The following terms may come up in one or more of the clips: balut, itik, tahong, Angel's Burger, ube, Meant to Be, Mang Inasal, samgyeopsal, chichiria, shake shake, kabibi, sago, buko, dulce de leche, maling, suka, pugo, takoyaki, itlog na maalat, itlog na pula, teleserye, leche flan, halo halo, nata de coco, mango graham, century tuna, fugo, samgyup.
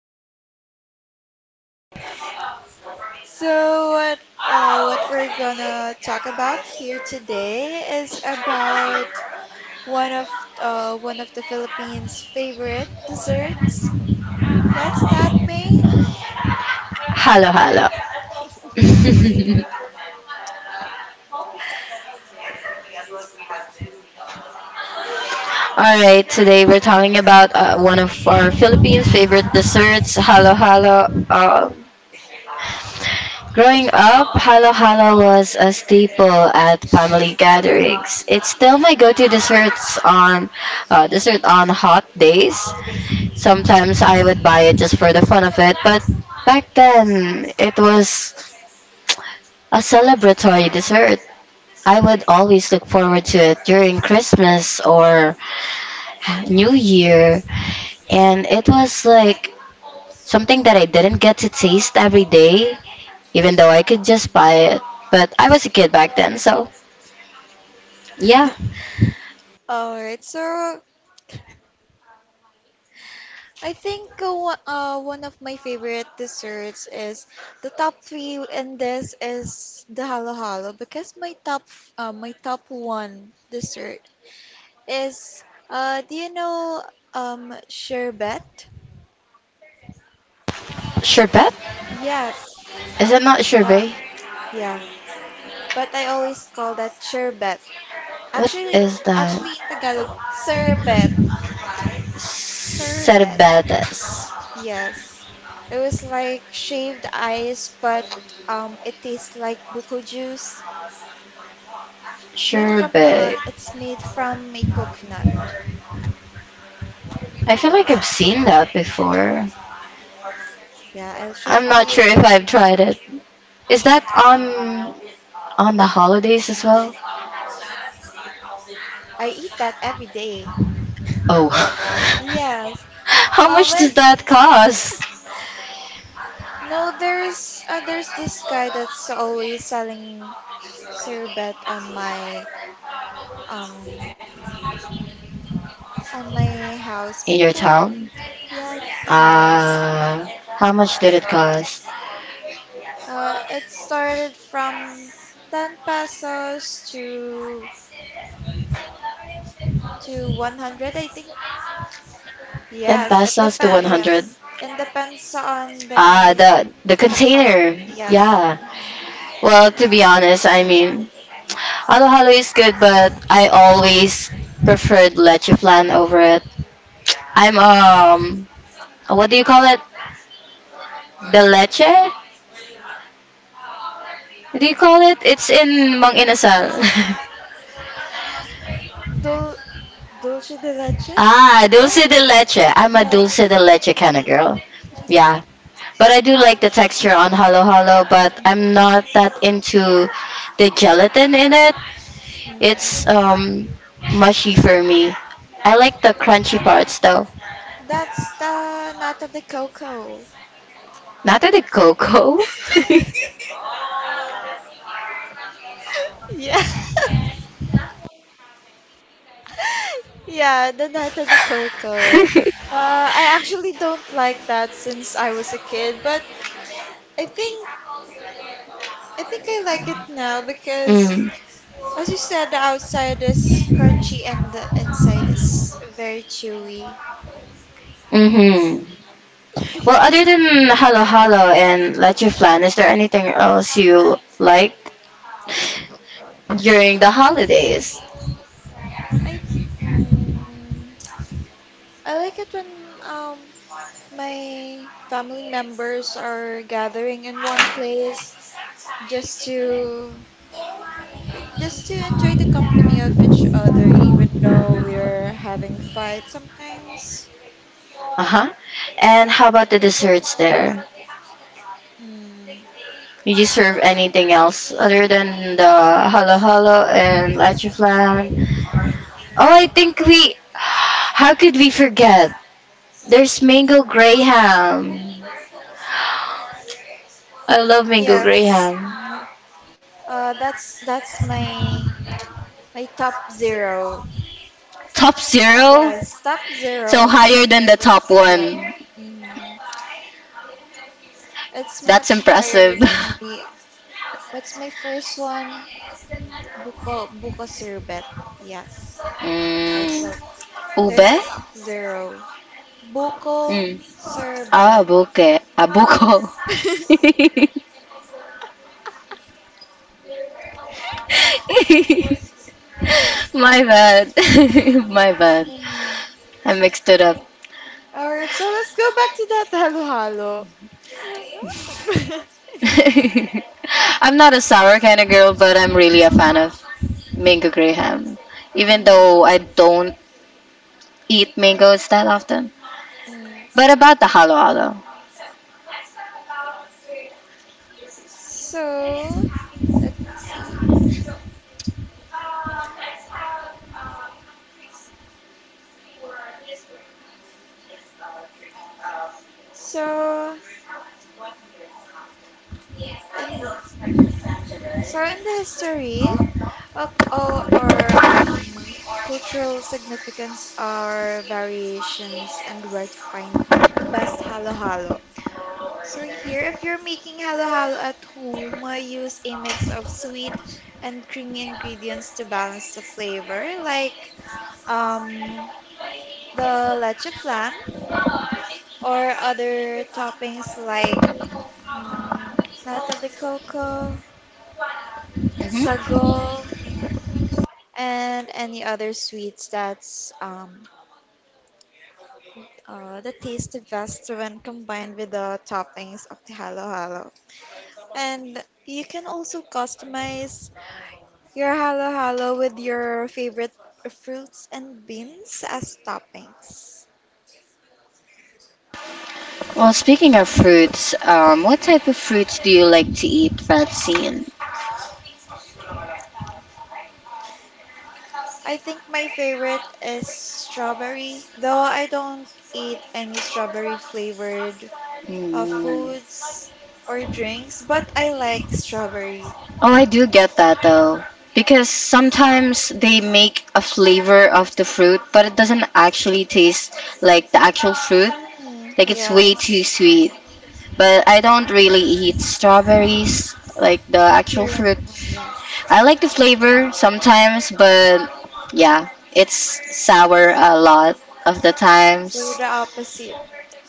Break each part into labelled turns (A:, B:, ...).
A: I'm May.
B: So what what we're gonna talk about here today is about one of one of the Philippines' favorite desserts. What's that, May?
A: Hello, hello. All right, today we're talking about one of our Philippines' favorite desserts, halo halo. Growing up, halo halo was a staple at family gatherings. It's still my go-to dessert on hot days. Sometimes I would buy it just for the fun of it, but back then it was a celebratory dessert. I would always look forward to it during Christmas or New Year, and it was like something that I didn't get to taste every day even though I could just buy it. But I was a kid back then, so yeah.
B: All right, so I think one of my favorite desserts is the top three, and this is the halo halo because my top one dessert is do you know sherbet?
A: Sherbet?
B: Yes,
A: Is it not
B: that
A: sherbet?
B: yeah, but I always call that sherbet.
A: What
B: Actually,
A: is that?
B: actually in Tagalog, sherbet, sherbet.
A: Cerbetes.
B: Yes, it was like shaved ice, but it tastes like buko juice. It's made from the
A: Sherbet.
B: it's made from a coconut.
A: I feel like I've seen that before.
B: Yeah, I'll show
A: I'm
B: it to
A: not
B: you
A: sure if I've
B: later.
A: tried it. Is that on the holidays as well?
B: I eat that every day.
A: Oh.
B: Yes.
A: How much
B: Well,
A: does that cost
B: no, there's this guy that's always selling sorbet um on my house
A: in your
B: before.
A: town?
B: Yes, house.
A: Uh, how much did it cost?
B: It started from 10 pesos to 100, I think.
A: 10
B: Yes, it
A: pesos to
B: depends.
A: 100.
B: Yes, it depends on
A: Ah, the
B: the cup.
A: container.
B: Yes,
A: Yeah. Well, to be honest, I mean, halo halo is good, but I always preferred leche flan over it. I'm what do you call it? The leche? What do you call it? It's in Mang Inasal.
B: Dul dulce de leche?
A: ah,
B: No.
A: dulce de leche. I'm a
B: Yes.
A: dulce de leche kind of girl. Yeah. But I do like the texture on halo halo, but I'm not that into the gelatin in it.
B: Mm.
A: It's mushy for me. I like the crunchy parts though.
B: That's the nata de coco.
A: Not to the cocoa.
B: Yeah. Yeah, the nata de coco. I actually don't like that since I was a kid, but I think I think I like it now because
A: mm.
B: as you said, the outside is crunchy and the inside is very chewy.
A: Mm-hmm. Well, other than halo halo and leche flan, is there anything else you liked during the
B: um,
A: holidays?
B: I mm, I like it when my family members are gathering in one place just to just to enjoy the company of each other, even though we're having fights sometimes.
A: Uh-huh. And how about the desserts there?
B: Mm,
A: Did you serve anything else other than the halo halo and leche flan? Oh, I think we. How could we forget? There's mango graham. I love mango
B: yes.
A: graham.
B: That's my top zero.
A: Top zero?
B: Yes, top zero
A: So
B: are my
A: higher than the top
B: favorites. Yeah.
A: one.
B: Mm. It's
A: That's
B: much higher
A: impressive.
B: than the. What's my first one? Buko Sherbet. Yes.
A: mm.
B: Also, there's a
A: Ube?
B: top zero. Buko
A: Mm. Ah,
B: Sherbet.
A: buke. Ah, My bad. My bad.
B: Mm.
A: I mixed it up.
B: Alright, so let's go back to that halo halo.
A: I'm not a sour kind of girl, but I'm really a fan of mango graham. Even
B: mm.
A: though I don't eat mangoes that often.
B: Mm.
A: But about the halo halo.
B: So, let's see. So, and so in the history, or cultural significance are variations and where to find the best halo halo. So here, if you're making halo halo at home, use a mix of sweet and creamy ingredients to balance the flavor, like um, the leche flan or other toppings like mm, nata de coco,
A: Hmm.
B: sago, and any other sweets that taste the best when combined with the toppings of the halo halo. And you can also customize your halo halo with your favorite fruits and beans as toppings.
A: Well, speaking of fruits, what type of fruits do you like to eat, Francine?
B: I think my favorite is strawberry, though I don't eat any strawberry flavored
A: Mm.
B: foods or drinks, but I like strawberry.
A: Oh, I do get that though. Because sometimes they make a flavor of the fruit, but it doesn't actually taste like the actual fruit.
B: Mm,
A: Like it's way too
B: yes,
A: sweet. But I don't really eat strawberries, like the actual
B: you're in.
A: fruit.
B: Oh, yes,
A: I like the flavor sometimes, but yeah, it's sour a lot of the times.
B: we're the opposite.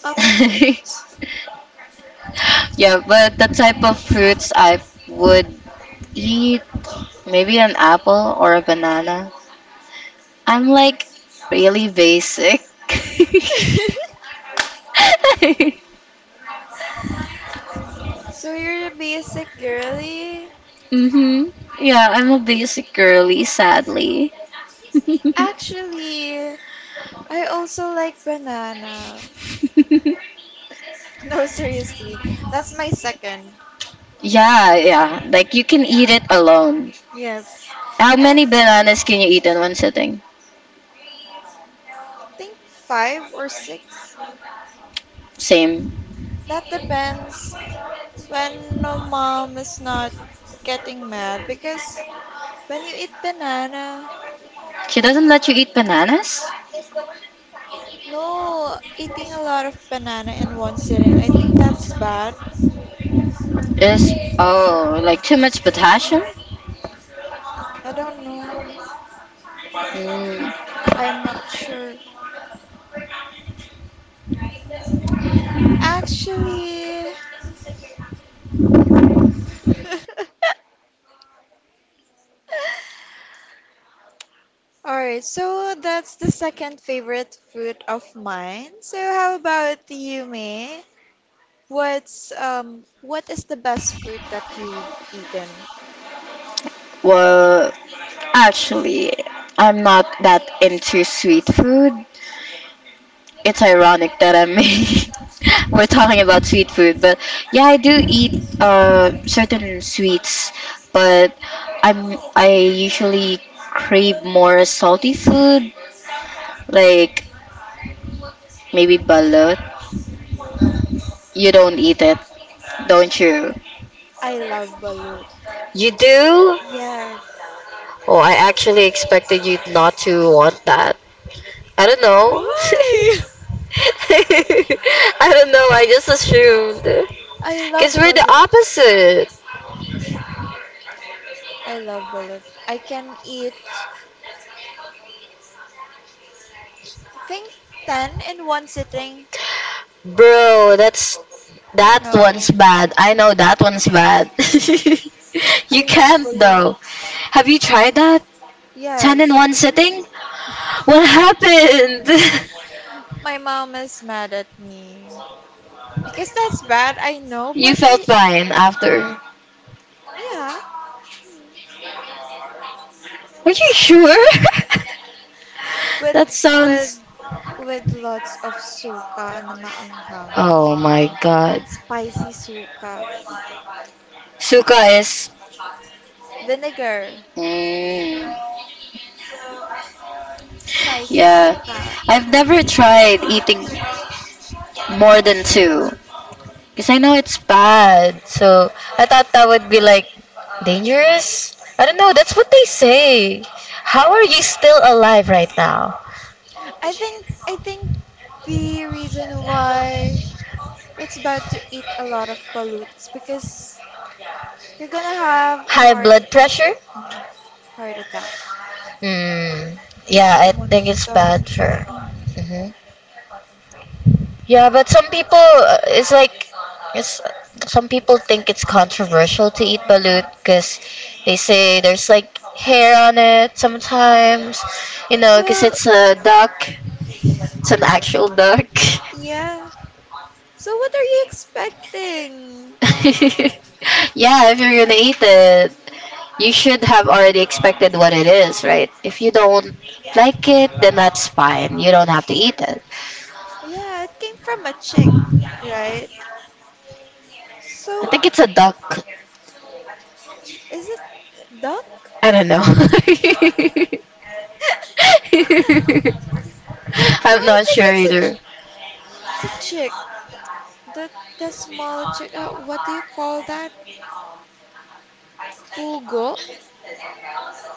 B: Opposite.
A: Yeah, but the type of fruits I would eat, maybe an apple or a banana. I'm like really basic.
B: So you're a basic girly?
A: Mhm. Yeah, I'm a basic girly, sadly.
B: Actually, I also like banana. No, seriously, that's my second.
A: Yeah, yeah. Like you can eat it alone.
B: Yes,
A: How
B: and
A: many
B: I
A: bananas can you eat in one sitting?
B: think five or six.
A: Same.
B: That depends when no mom is not getting mad because when you eat banana,
A: She doesn't let you eat bananas?
B: no, eating a lot of banana in one sitting, I think that's bad.
A: Is oh, like too much
B: Mm,
A: potassium?
B: I don't know.
A: Mm,
B: I'm not sure. Actually, all right, so that's the second favorite food of mine. So how about you, May? What is the best fruit that you've eaten?
A: well, actually, I'm not that into sweet food. It's ironic that I'm we're talking about sweet food, but yeah, I do eat certain sweets, but I usually crave more salty food like maybe balut. You don't eat it, don't you?
B: I love balut.
A: You do?
B: Yes.
A: Oh, I actually expected you not to want that. I don't know.
B: Why?
A: I don't know. I just assumed.
B: I
A: Because
B: love
A: we're the
B: balut.
A: opposite.
B: I love balut. I can eat, I think, 10 in one sitting.
A: Bro, that's
B: I
A: that
B: know.
A: one's bad. I know that one's bad.
B: I
A: you
B: love
A: can't though.
B: balut.
A: Have you tried that? 10 in
B: Yes.
A: one sitting? What happened?
B: My mom is mad at me because that's bad. I know,
A: You
B: but
A: felt
B: I
A: fine after. Are
B: yeah, mm.
A: you sure?
B: with
A: that
B: with
A: sounds.
B: with lots of suka na maanghang,
A: Oh my god.
B: spicy suka,
A: Suka is.
B: vinegar,
A: Mm,
B: spicy
A: yeah.
B: suka.
A: I've never tried eating more than two. Because I know it's bad. So I thought that would be like dangerous. I don't know. That's what they say. How are you still alive right now?
B: I think the reason why it's bad to eat a lot of balut is because you're gonna have a
A: High
B: heart
A: blood
B: attack.
A: pressure?
B: Yeah, heart attack.
A: Mm, yeah,
B: So
A: I
B: one of
A: think it's
B: the.
A: bad for.
B: Mm.
A: Hmm. Yeah, but some people, it's like, it's, some people think it's controversial to eat balut because they say there's like hair on it sometimes, you know, because
B: Well,
A: it's a duck. It's an actual duck.
B: yeah. So what are you expecting?
A: yeah, if you're gonna eat it, you should have already expected
B: Mm.
A: what it is, right? If you don't like it, then that's fine. You don't have to eat it.
B: Yeah, it came from a chick, right?
A: I
B: So
A: think it's a duck.
B: is it duck?
A: I don't know.
B: No,
A: I'm
B: I
A: not
B: think
A: sure
B: it's a
A: either.
B: ch- it's a chick. The the small chick. What do you call that? Pugo.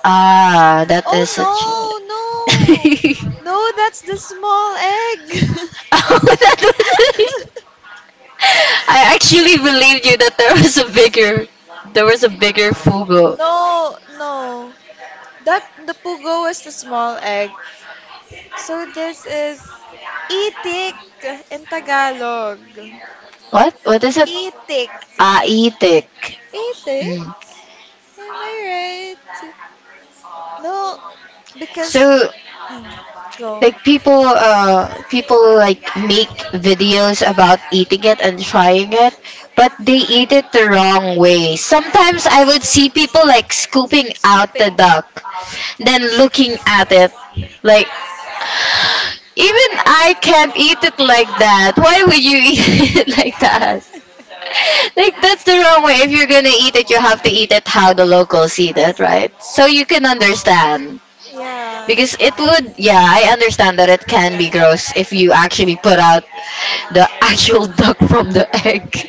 A: Ah, that is a. Ch-
B: Oh no, no. No, that's the small egg.
A: oh, that was. I actually believed you that there was a bigger fugo.
B: No, no. That the pugo is the small egg. So this is itik in Tagalog.
A: What? What is it?
B: Itik.
A: Aitik.
B: Itik?
A: Mm.
B: Am I right? No, because
A: So
B: mm,
A: like
B: go.
A: people, people like make videos about eating it and trying it, but they eat it the wrong way.
B: Mm,
A: Sometimes I would see people like scooping out the
B: scooping.
A: duck, then looking at it, like even I can't eat it like that. Why would you eat it like that? Like that's the wrong way. If you're gonna eat it, you have to eat it how the locals eat it, right? So you can understand.
B: Yeah.
A: Because it would, yeah, I understand that it can be gross if you actually put out the actual duck from the egg.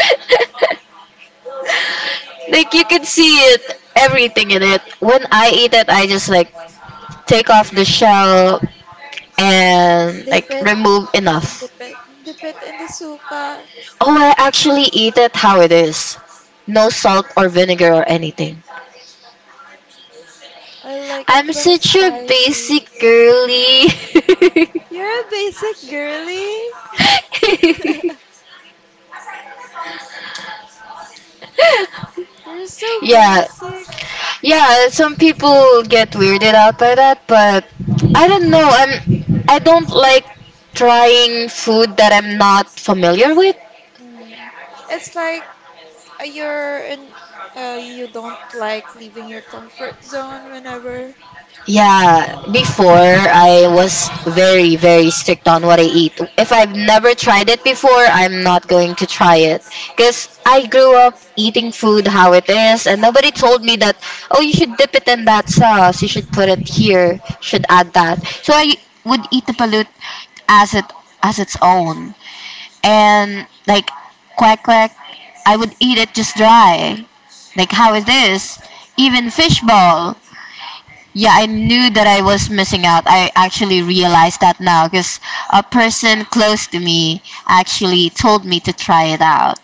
A: like you can see it, everything in it. When
B: Mm.
A: I eat it, I just like take off the shell and
B: Dip
A: like
B: it,
A: remove enough.
B: dip it, dip it in the suka.
A: Oh, I actually eat it how it is. No salt or vinegar or anything.
B: I like it
A: I'm
B: when it's
A: such a basic
B: spicy.
A: girly.
B: You're a basic girly. You're so
A: Yeah,
B: basic.
A: yeah. Some people get weirded out by that, but I don't know. I don't like trying food that I'm not familiar with.
B: Mm. It's like uh, you're in, you don't like leaving your comfort zone whenever.
A: Yeah, before I was very, very strict on what I eat. If I've never tried it before, I'm not going to try it. Because I grew up eating food how it is, and nobody told me that, oh, you should dip it in that sauce, you should put it here, you should add that. So I would eat the balut as it as its own. And like quack quack, I would eat it just dry. Like how it is. This?
B: Mm.
A: Even
B: Right.
A: fishball. Yeah, I knew that I was missing out. I actually realized that now because a person close to me actually told me to try it out.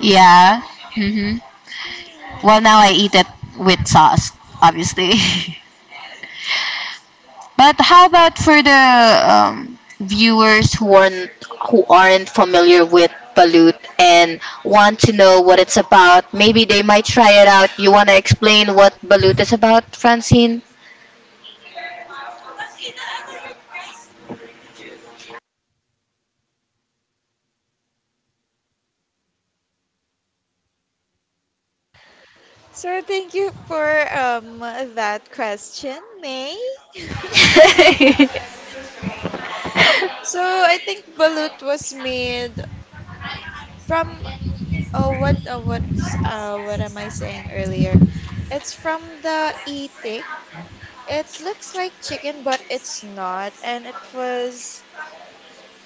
A: Yeah. Hmm. Well,
B: Hmm.
A: now I eat it with sauce, obviously. but how about for the viewers who aren't familiar with balut and want to know what it's about? Maybe they might try it out. You want to explain what balut is about, Francine?
B: So thank you for um that question, May. so I think balut was made from. Oh, what am I saying earlier? It's from the itik. It looks like chicken, but it's not. And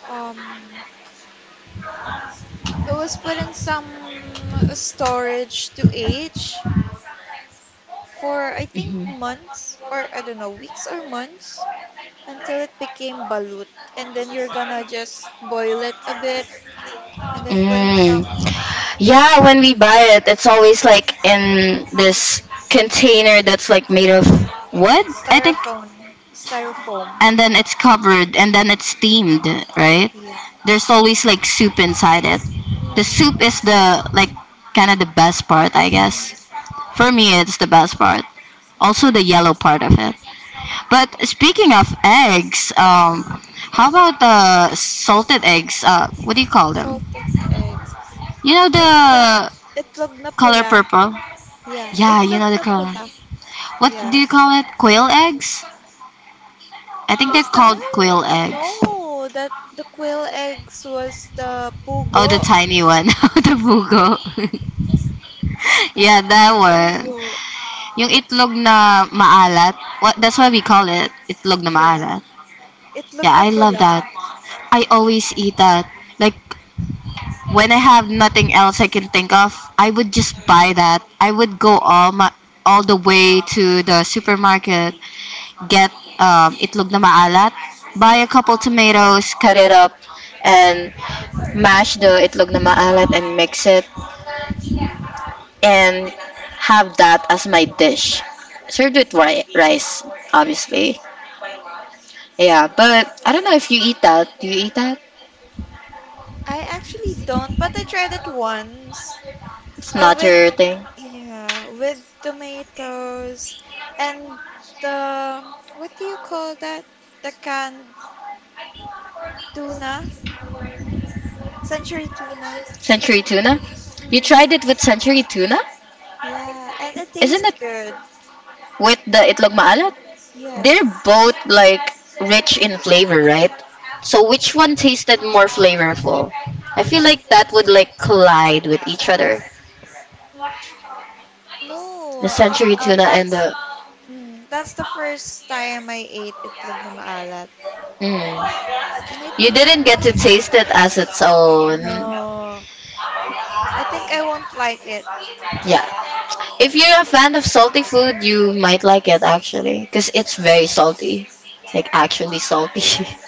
B: um, it was put in some storage to age for, I think, months or I don't know, weeks or months until it became balut. And then you're gonna just boil it a bit and then put in some
A: Mm. Yeah, when we buy it, it's always like in this container that's like made of wood, I think,
B: styrofoam.
A: and then it's covered and then it's steamed, right?
B: Yeah.
A: There's always like soup inside it. The
B: Hmm.
A: soup is the like kind of the best part, I
B: Hmm.
A: guess. For me, it's the best part. Also the yellow part of it. But speaking of eggs, how about the salted eggs? What do you call them?
B: Salted eggs.
A: You know
B: It's the
A: the
B: itlog na
A: color
B: pula.
A: purple.
B: Yeah,
A: Yeah, you
B: itlog
A: know the
B: na
A: color.
B: pula.
A: What do
B: Yes.
A: you call it? Quail eggs? I think they're
B: Is
A: called
B: that?
A: quail eggs.
B: No, that the quail eggs was the
A: Oh, the
B: pugo.
A: tiny one. the bugo. yeah, that one.
B: Pugo.
A: Yung itlog na maalat. What, that's why we call it itlog na
B: Yeah.
A: maalat.
B: Itlog
A: Yeah,
B: na
A: I love
B: pula.
A: that. I always eat that. Like, when I have nothing else I can think of, I would just buy that. I would go all the way to the supermarket get itlog na maalat. Buy a couple tomatoes, cut it up, and mash the itlog na maalat and mix it. And have that as my dish. Served with rice, obviously. Yeah, but I don't know if you eat that. Do you eat that?
B: I actually don't, but I tried it once.
A: It's
B: Oh,
A: not
B: with
A: your thing.
B: yeah, with tomatoes and the what do you call that? The canned tuna, century tuna.
A: Century tuna? You
B: Mm.
A: tried it with century tuna?
B: Yeah, and it
A: Isn't
B: tastes
A: it
B: good.
A: with the itlog maalat? They're
B: Yes.
A: both like rich in flavor, right? So which one tasted more flavorful? I feel like that would like collide with each other.
B: No,
A: The century tuna and
B: that's
A: the
B: mm, that's the first time I ate itlog na maalat.
A: mm.
B: And I
A: You
B: think
A: didn't get to
B: it's
A: taste it as its own.
B: no. I think I won't like it.
A: Yeah. If you're a fan of salty food, you might like it actually because it's very salty. Like actually salty.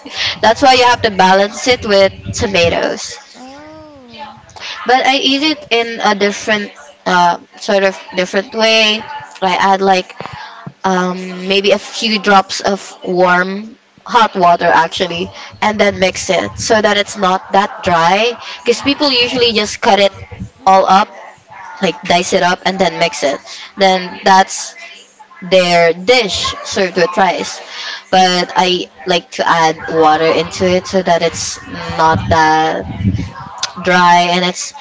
A: That's why you have to balance it with tomatoes.
B: Oh.
A: But I eat it in a different, sort of different way. I add like maybe a few drops of warm hot water actually, and then mix it so that it's not that dry. Because
B: Mm.
A: people usually just cut it all up,
B: Mm.
A: like dice it up, and then mix it. Then that's their dish served with rice. But I like to add water into it so that it's not that dry and it's,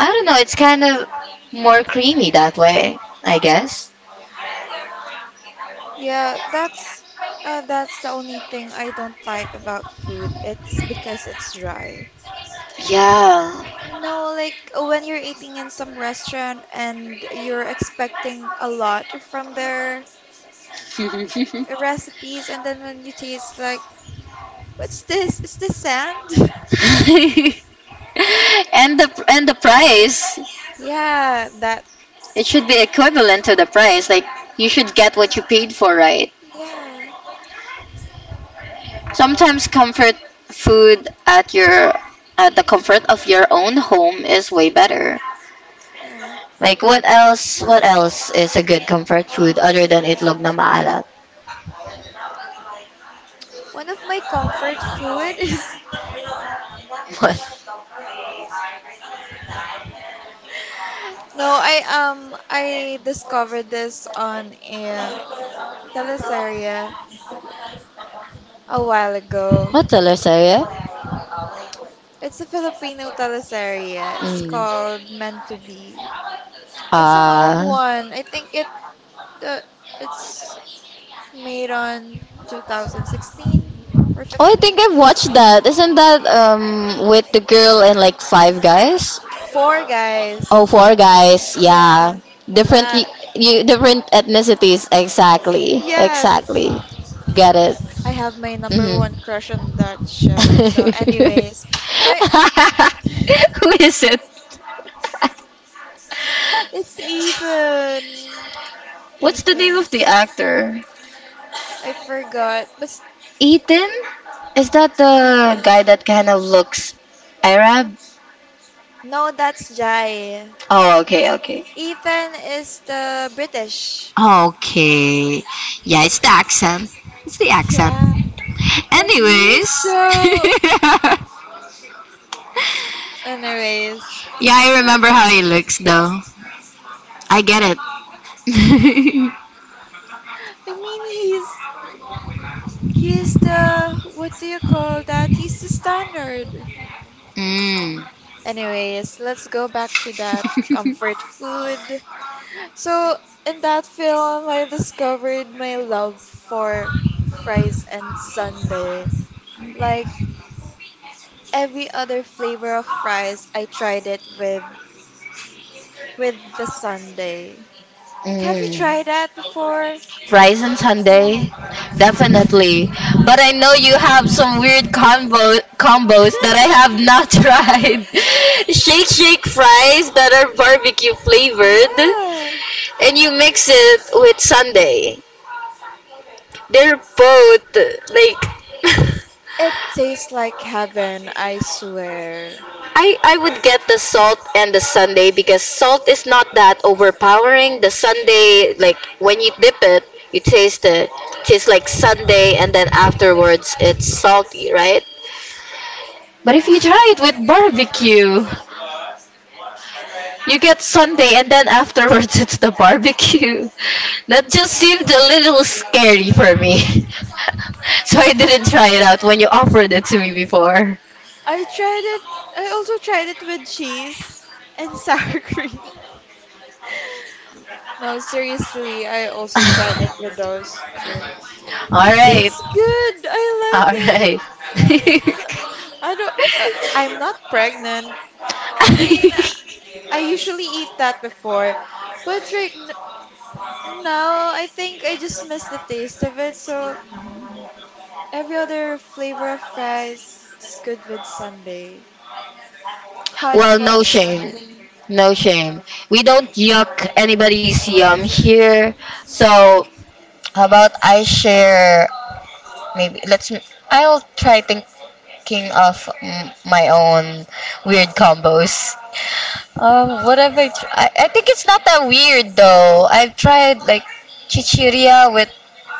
A: I don't know, it's kind of more creamy that way, I guess.
B: Yeah, that's the only thing I don't like about food. It's because it's dry.
A: Yeah.
B: You know, like when you're eating in some restaurant and you're expecting a lot from their
A: and
B: recipes, and then when you taste, like, what's this? Is this sand?
A: the price,
B: Yeah, that.
A: it should be equivalent to the price. Like you should get what you paid for, right?
B: Yeah,
A: Sometimes comfort food at the comfort of your own home is way better.
B: yeah.
A: Like what else is a good comfort food other than itlog na maalat?
B: One of my comfort food is
A: What?
B: no, I discovered this on a teleserye a while ago.
A: What teleserye?
B: It's a Filipino teleserye. It's
A: Mm.
B: called Meant to Be. It's an old
A: Ah.
B: one. I think it uh, it's made on 2016 or
A: Oh, I
B: 15.
A: think
B: I
A: I've
B: don't know.
A: watched that. Isn't that with the girl and like five guys?
B: Four
A: Oh,
B: guys.
A: four guys.
B: Yeah,
A: Yeah. Different
B: that.
A: you different ethnicities. Exactly.
B: Yes.
A: Exactly. Get it.
B: I have my number
A: Mhm.
B: one crush on that show. So, anyways, so I,
A: Who is it?
B: it's Ethan.
A: What's the name
B: Ethan.
A: of the actor?
B: I forgot, but
A: Ethan? Is that the
B: Ethan.
A: guy that kind of looks Arab?
B: No, that's Jai.
A: Oh, okay, okay.
B: Ethan is the British.
A: Okay. Yeah, it's the accent. It's the accent.
B: Yeah. And okay. he's
A: Anyways.
B: so. Anyways.
A: Yeah, I remember how he looks though. I get it.
B: I mean, he's. He's the. What do you call that? He's the standard.
A: Mm.
B: Anyways, let's go back to that comfort food. So, in that film, I discovered my love for fries and sundae. Like, every other flavor of fries, I tried it with the sundae. Like, have you
A: Mm.
B: tried that before?
A: Rice and
B: Yeah.
A: Sunday, definitely. But I know you have some weird combos that I have not tried. Shake shake fries that are barbecue flavored,
B: Yeah.
A: and you mix it with Sunday. They're both like
B: It tastes like heaven, I swear.
A: I would get the salt and the sundae, because salt is not that overpowering. The sundae, like when you dip it, you taste it. Tastes like sundae, and then afterwards it's salty, right? But if you try it with barbecue, you get sundae, and then afterwards it's the barbecue. That just seemed a little scary for me, so I didn't try it out when you offered it to me before.
B: I tried it. I also tried it with cheese and sour cream. No, seriously, I also tried it with those too.
A: All
B: It
A: right,
B: tastes good. I like
A: all
B: it.
A: right.
B: I don't. I'm not pregnant, I mean,
A: Yes.
B: I usually eat that before, but now I think I just miss the taste of it. So every other flavor of fries is good with sundae, hot
A: Well, no
B: fudge
A: shame.
B: sundae.
A: No shame. We don't yuck anybody's yum here. So, how about I share, maybe let's I'll try thinking of my own weird combos. What have I, tr- I? I think it's not that weird though. I've tried like chichiria with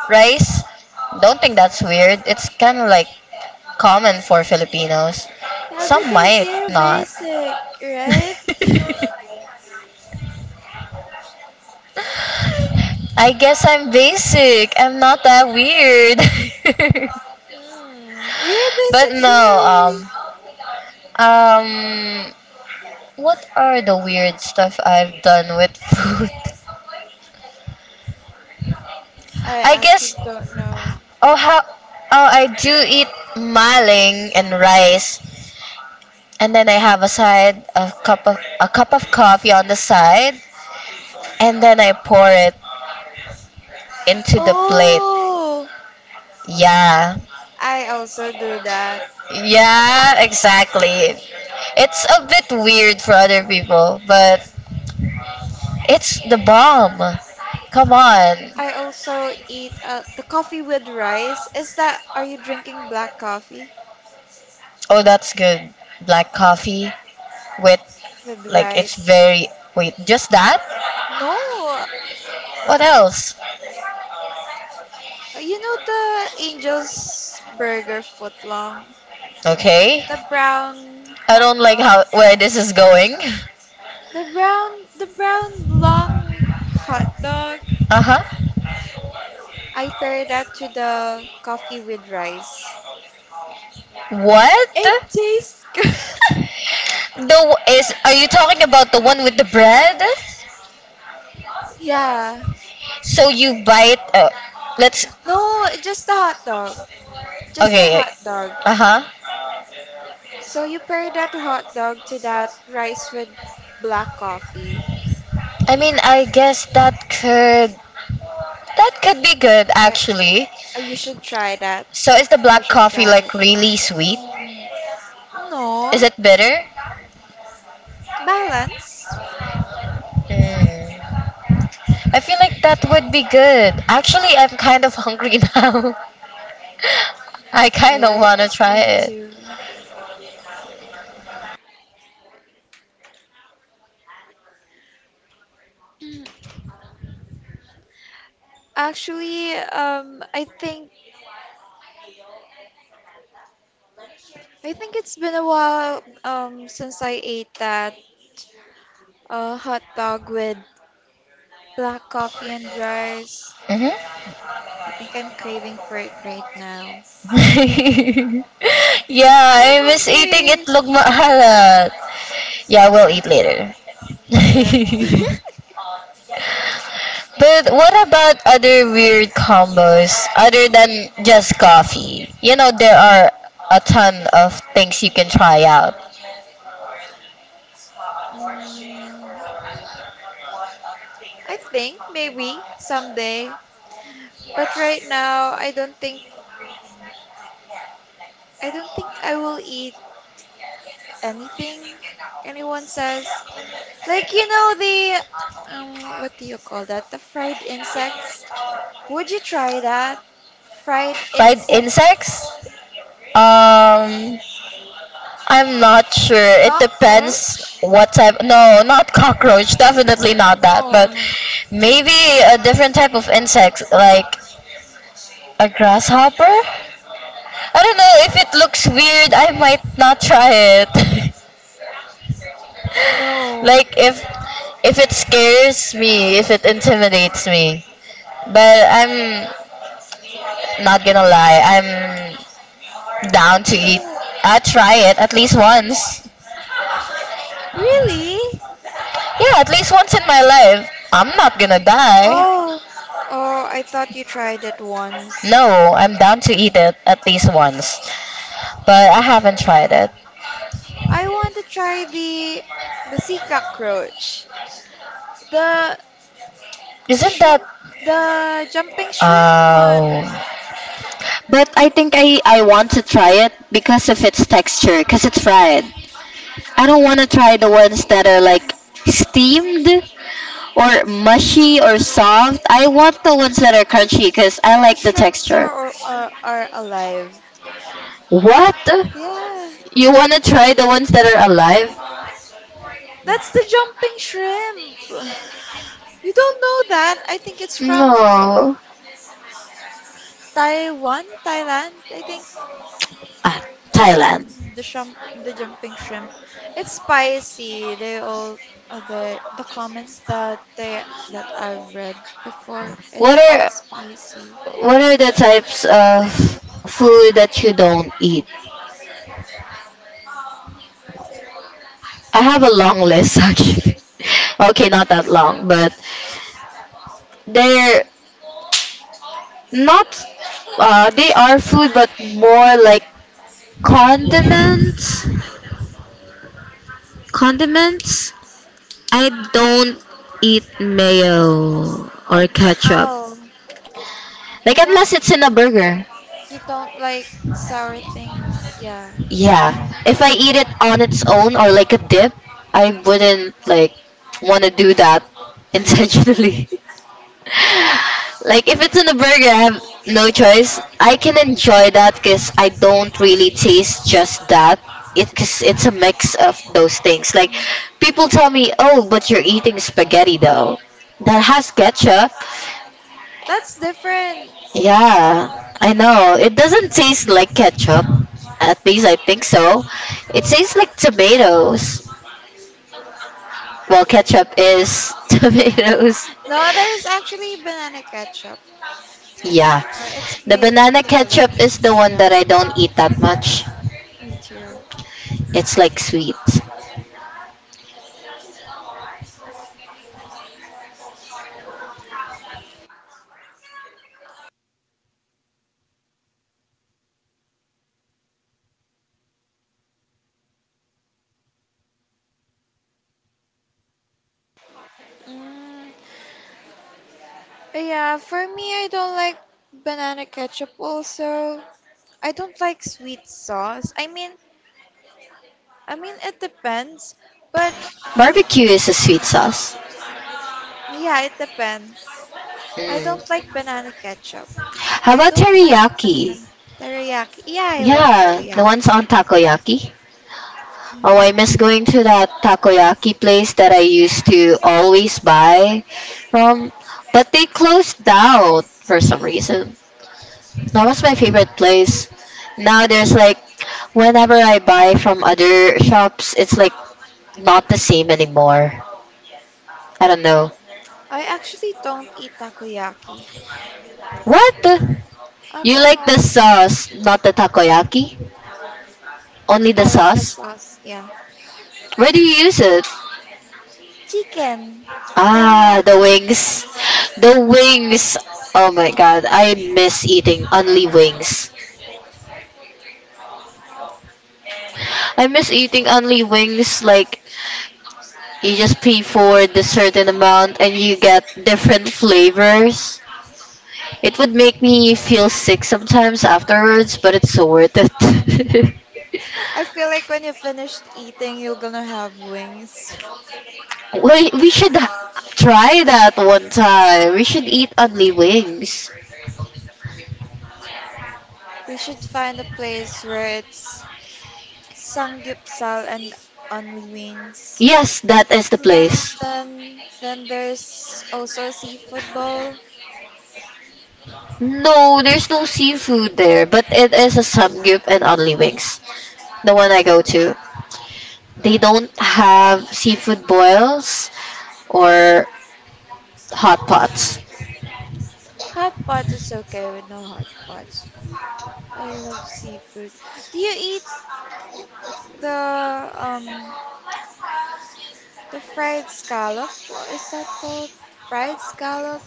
A: rice. Don't think that's weird. It's kind of like common for Filipinos.
B: Yeah,
A: Some
B: because
A: might
B: you're
A: not.
B: basic, right?
A: I guess I'm basic. I'm not that weird.
B: Mm, you're a
A: But
B: basic
A: no,
B: girly.
A: um, what are the weird stuff I've done with food?
B: I
A: I guess,
B: actually don't know.
A: oh, how, oh, I do eat maling and rice. And then I have a side of cup of a cup of coffee on the side, and then I pour it into the plate.
B: Oh,
A: Yeah.
B: I also do that.
A: Yeah, exactly. It's a bit weird for other people, but it's the bomb. Come on.
B: I also eat the coffee with rice. Is that, are you drinking black coffee
A: Oh, that's good. Black coffee with,
B: with
A: like it's
B: rice?
A: very, wait, just that?
B: No,
A: What else?
B: You know the Angel's Burger footlong,
A: Okay.
B: the brown
A: I
B: hot
A: don't like
B: dog,
A: how, where this is going.
B: the brown long hot dog.
A: Uh-huh.
B: I pair that to the coffee with rice.
A: What? The
B: It tastes good.
A: is are you talking about the one with the bread?
B: yeah.
A: So you bite let's,
B: No, just the hot dog. Just the
A: okay.
B: hot dog.
A: Uh-huh.
B: So you pair that hot dog to that rice with black coffee.
A: I mean, I guess that could, that could be good
B: I,
A: actually.
B: I you should try that.
A: So is the
B: You
A: black
B: should
A: coffee
B: try
A: like
B: it.
A: really sweet?
B: Mm,
A: Is
B: no,
A: it bitter?
B: balance.
A: Mm. I feel like that would be good. Actually, I'm kind of hungry now. I kind
B: Yeah,
A: of
B: I
A: want to
B: think
A: try
B: me
A: it.
B: too. Actually, I think it's been a while since I ate that hot dog with black coffee and rice.
A: Mm-hmm.
B: I think I'm craving for it right now.
A: Yeah,
B: I'm
A: I miss eating
B: hungry.
A: itlog maalat. Yeah, we'll eat later.
B: Yes.
A: But what about other weird combos other than just coffee? You know, there are a ton of things you can try out.
B: Mm, I think maybe someday, but right now I don't think I will eat anything anyone says. Like you know the what do you call that? The fried insects. Would you try that? Fried
A: Fried
B: insect
A: insects? Um, I'm not sure. It depends
B: cockroach?
A: what type. No, not cockroach. Definitely not that. But
B: No.
A: maybe a different type of insect, like a grasshopper? I don't know. If it looks weird, I might not try it.
B: No.
A: Like if it scares me, if it intimidates me. But I'm not gonna lie, I'm down to eat.
B: No.
A: I try it at least once.
B: Really?
A: Yeah, at least once in my life. I'm not gonna die.
B: Oh, oh, I thought you tried it once.
A: No, I'm down to eat it at least once. But I haven't tried it.
B: I want to try the sea cockroach, the
A: Isn't that,
B: shrimp, the jumping shrimp one.
A: oh but I think I want to try it because of its texture, because it's fried. I don't want to try the ones that are like steamed or mushy or soft. I want the ones that are
B: It's
A: crunchy because I
B: the
A: like the
B: shrimps
A: texture.
B: are alive.
A: What?
B: Yeah,
A: You want to try the ones that are alive?
B: that's the jumping shrimp. You don't know that? I think it's from
A: No.
B: Taiwan, Thailand, I think.
A: Ah, Thailand.
B: The jumping shrimp. It's spicy. The comments that they that I've read before.
A: What
B: It's all
A: are
B: spicy.
A: what are the types of food that you don't eat? I have
B: I
A: a
B: think.
A: long list actually. Okay, not that long, but they're not they are food but more like, Condiments? Condiments? I don't eat mayo or ketchup.
B: Oh,
A: Like,
B: you don't.
A: unless it's in a
B: Hmm,
A: burger.
B: you don't like sour things. Yeah.
A: Yeah. If I eat it on its own or like a dip, I wouldn't like want to do that intentionally. Like if it's in a burger, I have no choice. I can enjoy that because I don't really taste just that. It, because it's a mix of those things. Like
B: Mm.
A: people tell me, "Oh, but you're eating spaghetti though. That has ketchup."
B: That's different.
A: Yeah, I know. It doesn't taste like ketchup. At least I think so. It tastes like tomatoes. Well, ketchup is tomatoes.
B: No, there's actually banana ketchup.
A: Yeah.
B: It's
A: The
B: made
A: banana
B: from the
A: ketchup is the
B: Philippines.
A: one
B: Yeah.
A: that I don't eat that much.
B: Me too.
A: It's like sweet.
B: Mm. Yeah, for me, I don't like banana ketchup also. I don't like sweet sauce. I mean it depends, but
A: Barbecue is a sweet sauce.
B: yeah, it depends. I don't
A: Mm.
B: like banana ketchup.
A: How
B: I
A: about
B: don't like
A: teriyaki?
B: banana teriyaki. Yeah, I love
A: Yeah, the ones
B: teriyaki.
A: on takoyaki. Oh, I
B: Mm.
A: miss going to that takoyaki place that I used to always buy from, but they closed down for some reason. That was my favorite place. Now there's like, whenever I buy from other shops, it's like not the same anymore. I don't know.
B: I actually don't eat takoyaki.
A: What?
B: I
A: You
B: don't
A: like the
B: know.
A: sauce, not the takoyaki? Only the
B: I like the
A: sauce?
B: sauce. Yeah,
A: Where do you use it?
B: chicken
A: Ah, the
B: teriyaki.
A: wings. The wings. Oh my god, I miss eating only wings. I miss eating only wings, like you just pay for the certain amount and you get different flavors. It would make me feel sick sometimes afterwards, but it's so worth it.
B: I feel like when you finished eating, you're gonna have wings.
A: We should try that one time. We should eat only wings.
B: We should find a place where it's samgyeopsal and only wings.
A: Yes, that is the
B: Then,
A: place.
B: then, then there's also a seafood bowl.
A: No, there's no seafood there, but it is a samgyup and only wings. The one I go to. They don't have seafood boils or hot pots.
B: Hot pot is okay with no hot pots. I love seafood. Do you eat the um the fried scallop? What is that called? Fried scallop?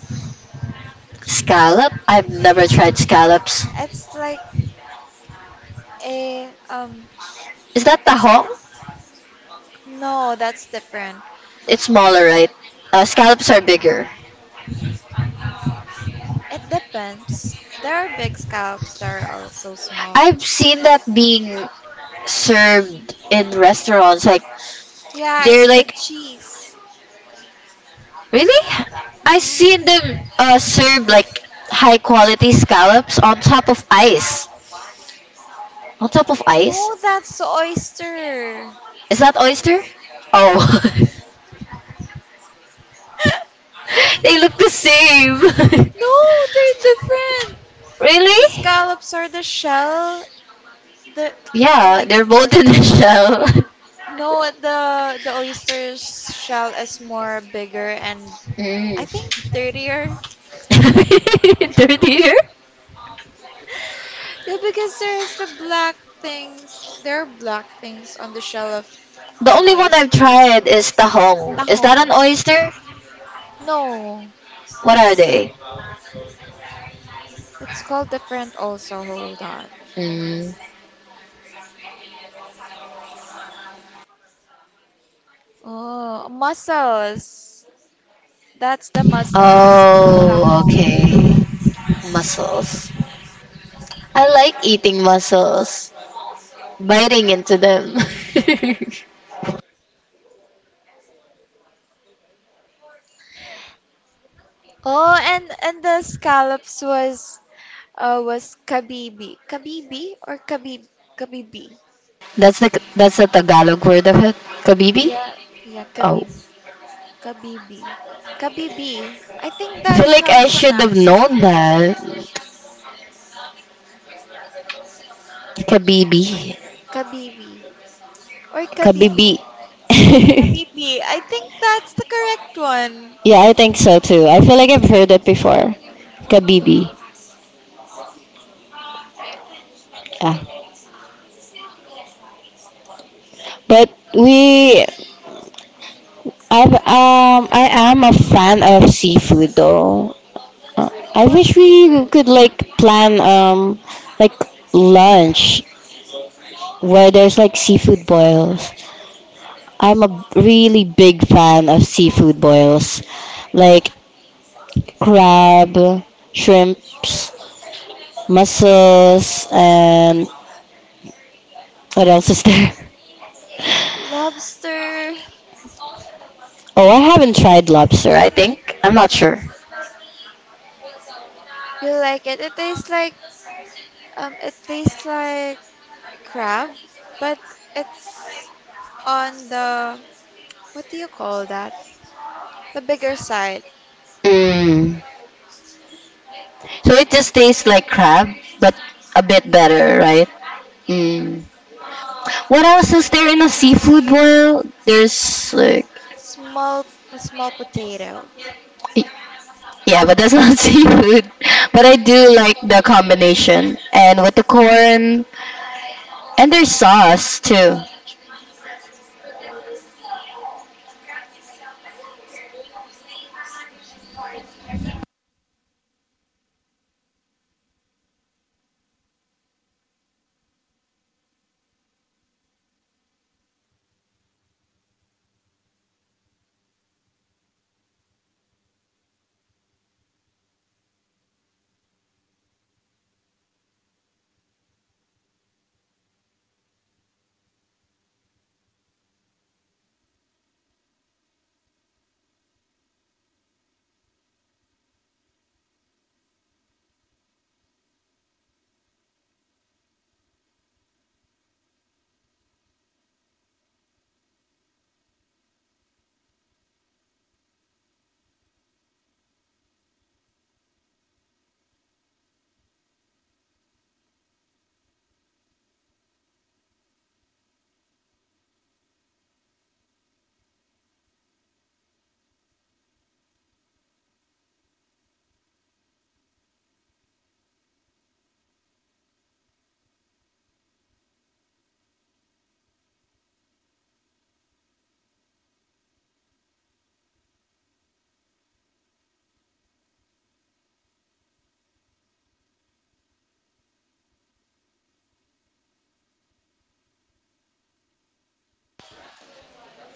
A: Scallop? I've never tried scallops.
B: It's like a.
A: Is that
B: It's on
A: tahong?
B: a no, that's different.
A: It's smaller, right? Scallops are bigger.
B: It depends. There are big scallops, there are also small.
A: I've seen that being served in restaurants. Like
B: Yeah,
A: they're
B: it's
A: like,
B: with cheese.
A: Really? I
B: Yeah.
A: seen them serve like high quality scallops on top of ice. On top of ice?
B: No, that's oyster.
A: Is that oyster? Oh, they look the same.
B: No, they're different. The
A: Really?
B: scallops are the shell, the, the
A: Yeah,
B: like a
A: they're both
B: cart.
A: in the shell.
B: No, the oyster's shell is more bigger and I think
A: Mm.
B: dirtier.
A: Dirtier?
B: Yeah, because there's the black things. There are black things on the shell of
A: The
B: an
A: only one I've
B: oyster.
A: tried is tahong. Is that an
B: Tahong.
A: oyster?
B: No.
A: What are
B: It's
A: they?
B: it's called different also. Hold on.
A: Mm.
B: Oh, mussels. That's the mussels.
A: Oh,
B: Tahong.
A: okay. Mussels. I like eating mussels, biting into them.
B: Oh, and the scallops was kabibi. Kabibi or kabib kabibi.
A: That's the that's the Tagalog word of it. Kabibi?
B: Yeah, yeah,
A: Oh.
B: kabib kabibi. Kabibi. I think
A: I feel
B: that's
A: like
B: how you
A: I should have
B: pronounce it.
A: known that. Kabibi.
B: Kabibi kabibi.
A: Kabibi.
B: Kabibi. I think that's the correct one.
A: Yeah, I think so too. I feel like I've heard
B: Kabibi.
A: it before.
B: Me too.
A: Kabibi. Ah. But we I've I am a fan of seafood though. Uh, I
B: What
A: wish we
B: seafood?
A: could like plan like lunch where there's like seafood boils. I'm a really big fan of seafood boils, like crab, shrimps, mussels, and what else is there?
B: Lobster.
A: Oh, I haven't tried lobster, I think. I'm not sure.
B: You like it? It tastes like crab, but it's on the what do you call that? The bigger side.
A: Mm. So it just tastes like crab, but a bit
B: Yeah.
A: better, right? Mm. What else is there in a seafood boil? There's like
B: Small small potato.
A: y- yeah, but that's not seafood. But I do like the combination, and with the corn and there's sauce too.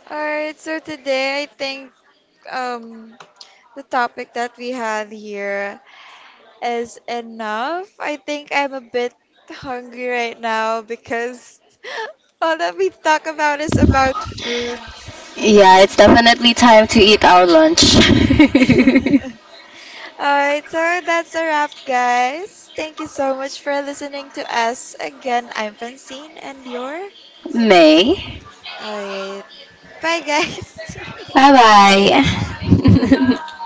B: Alright, so today I think um the topic that we had here. Is enough. I think I'm a bit hungry right now because all that we talk about is about food.
A: Yeah, it's definitely time to eat our lunch.
B: Alright, so that's a wrap, guys. Thank you so much for listening to us. Again, I'm Francine and you're.
A: May.
B: Alright, bye, guys.
A: Bye bye.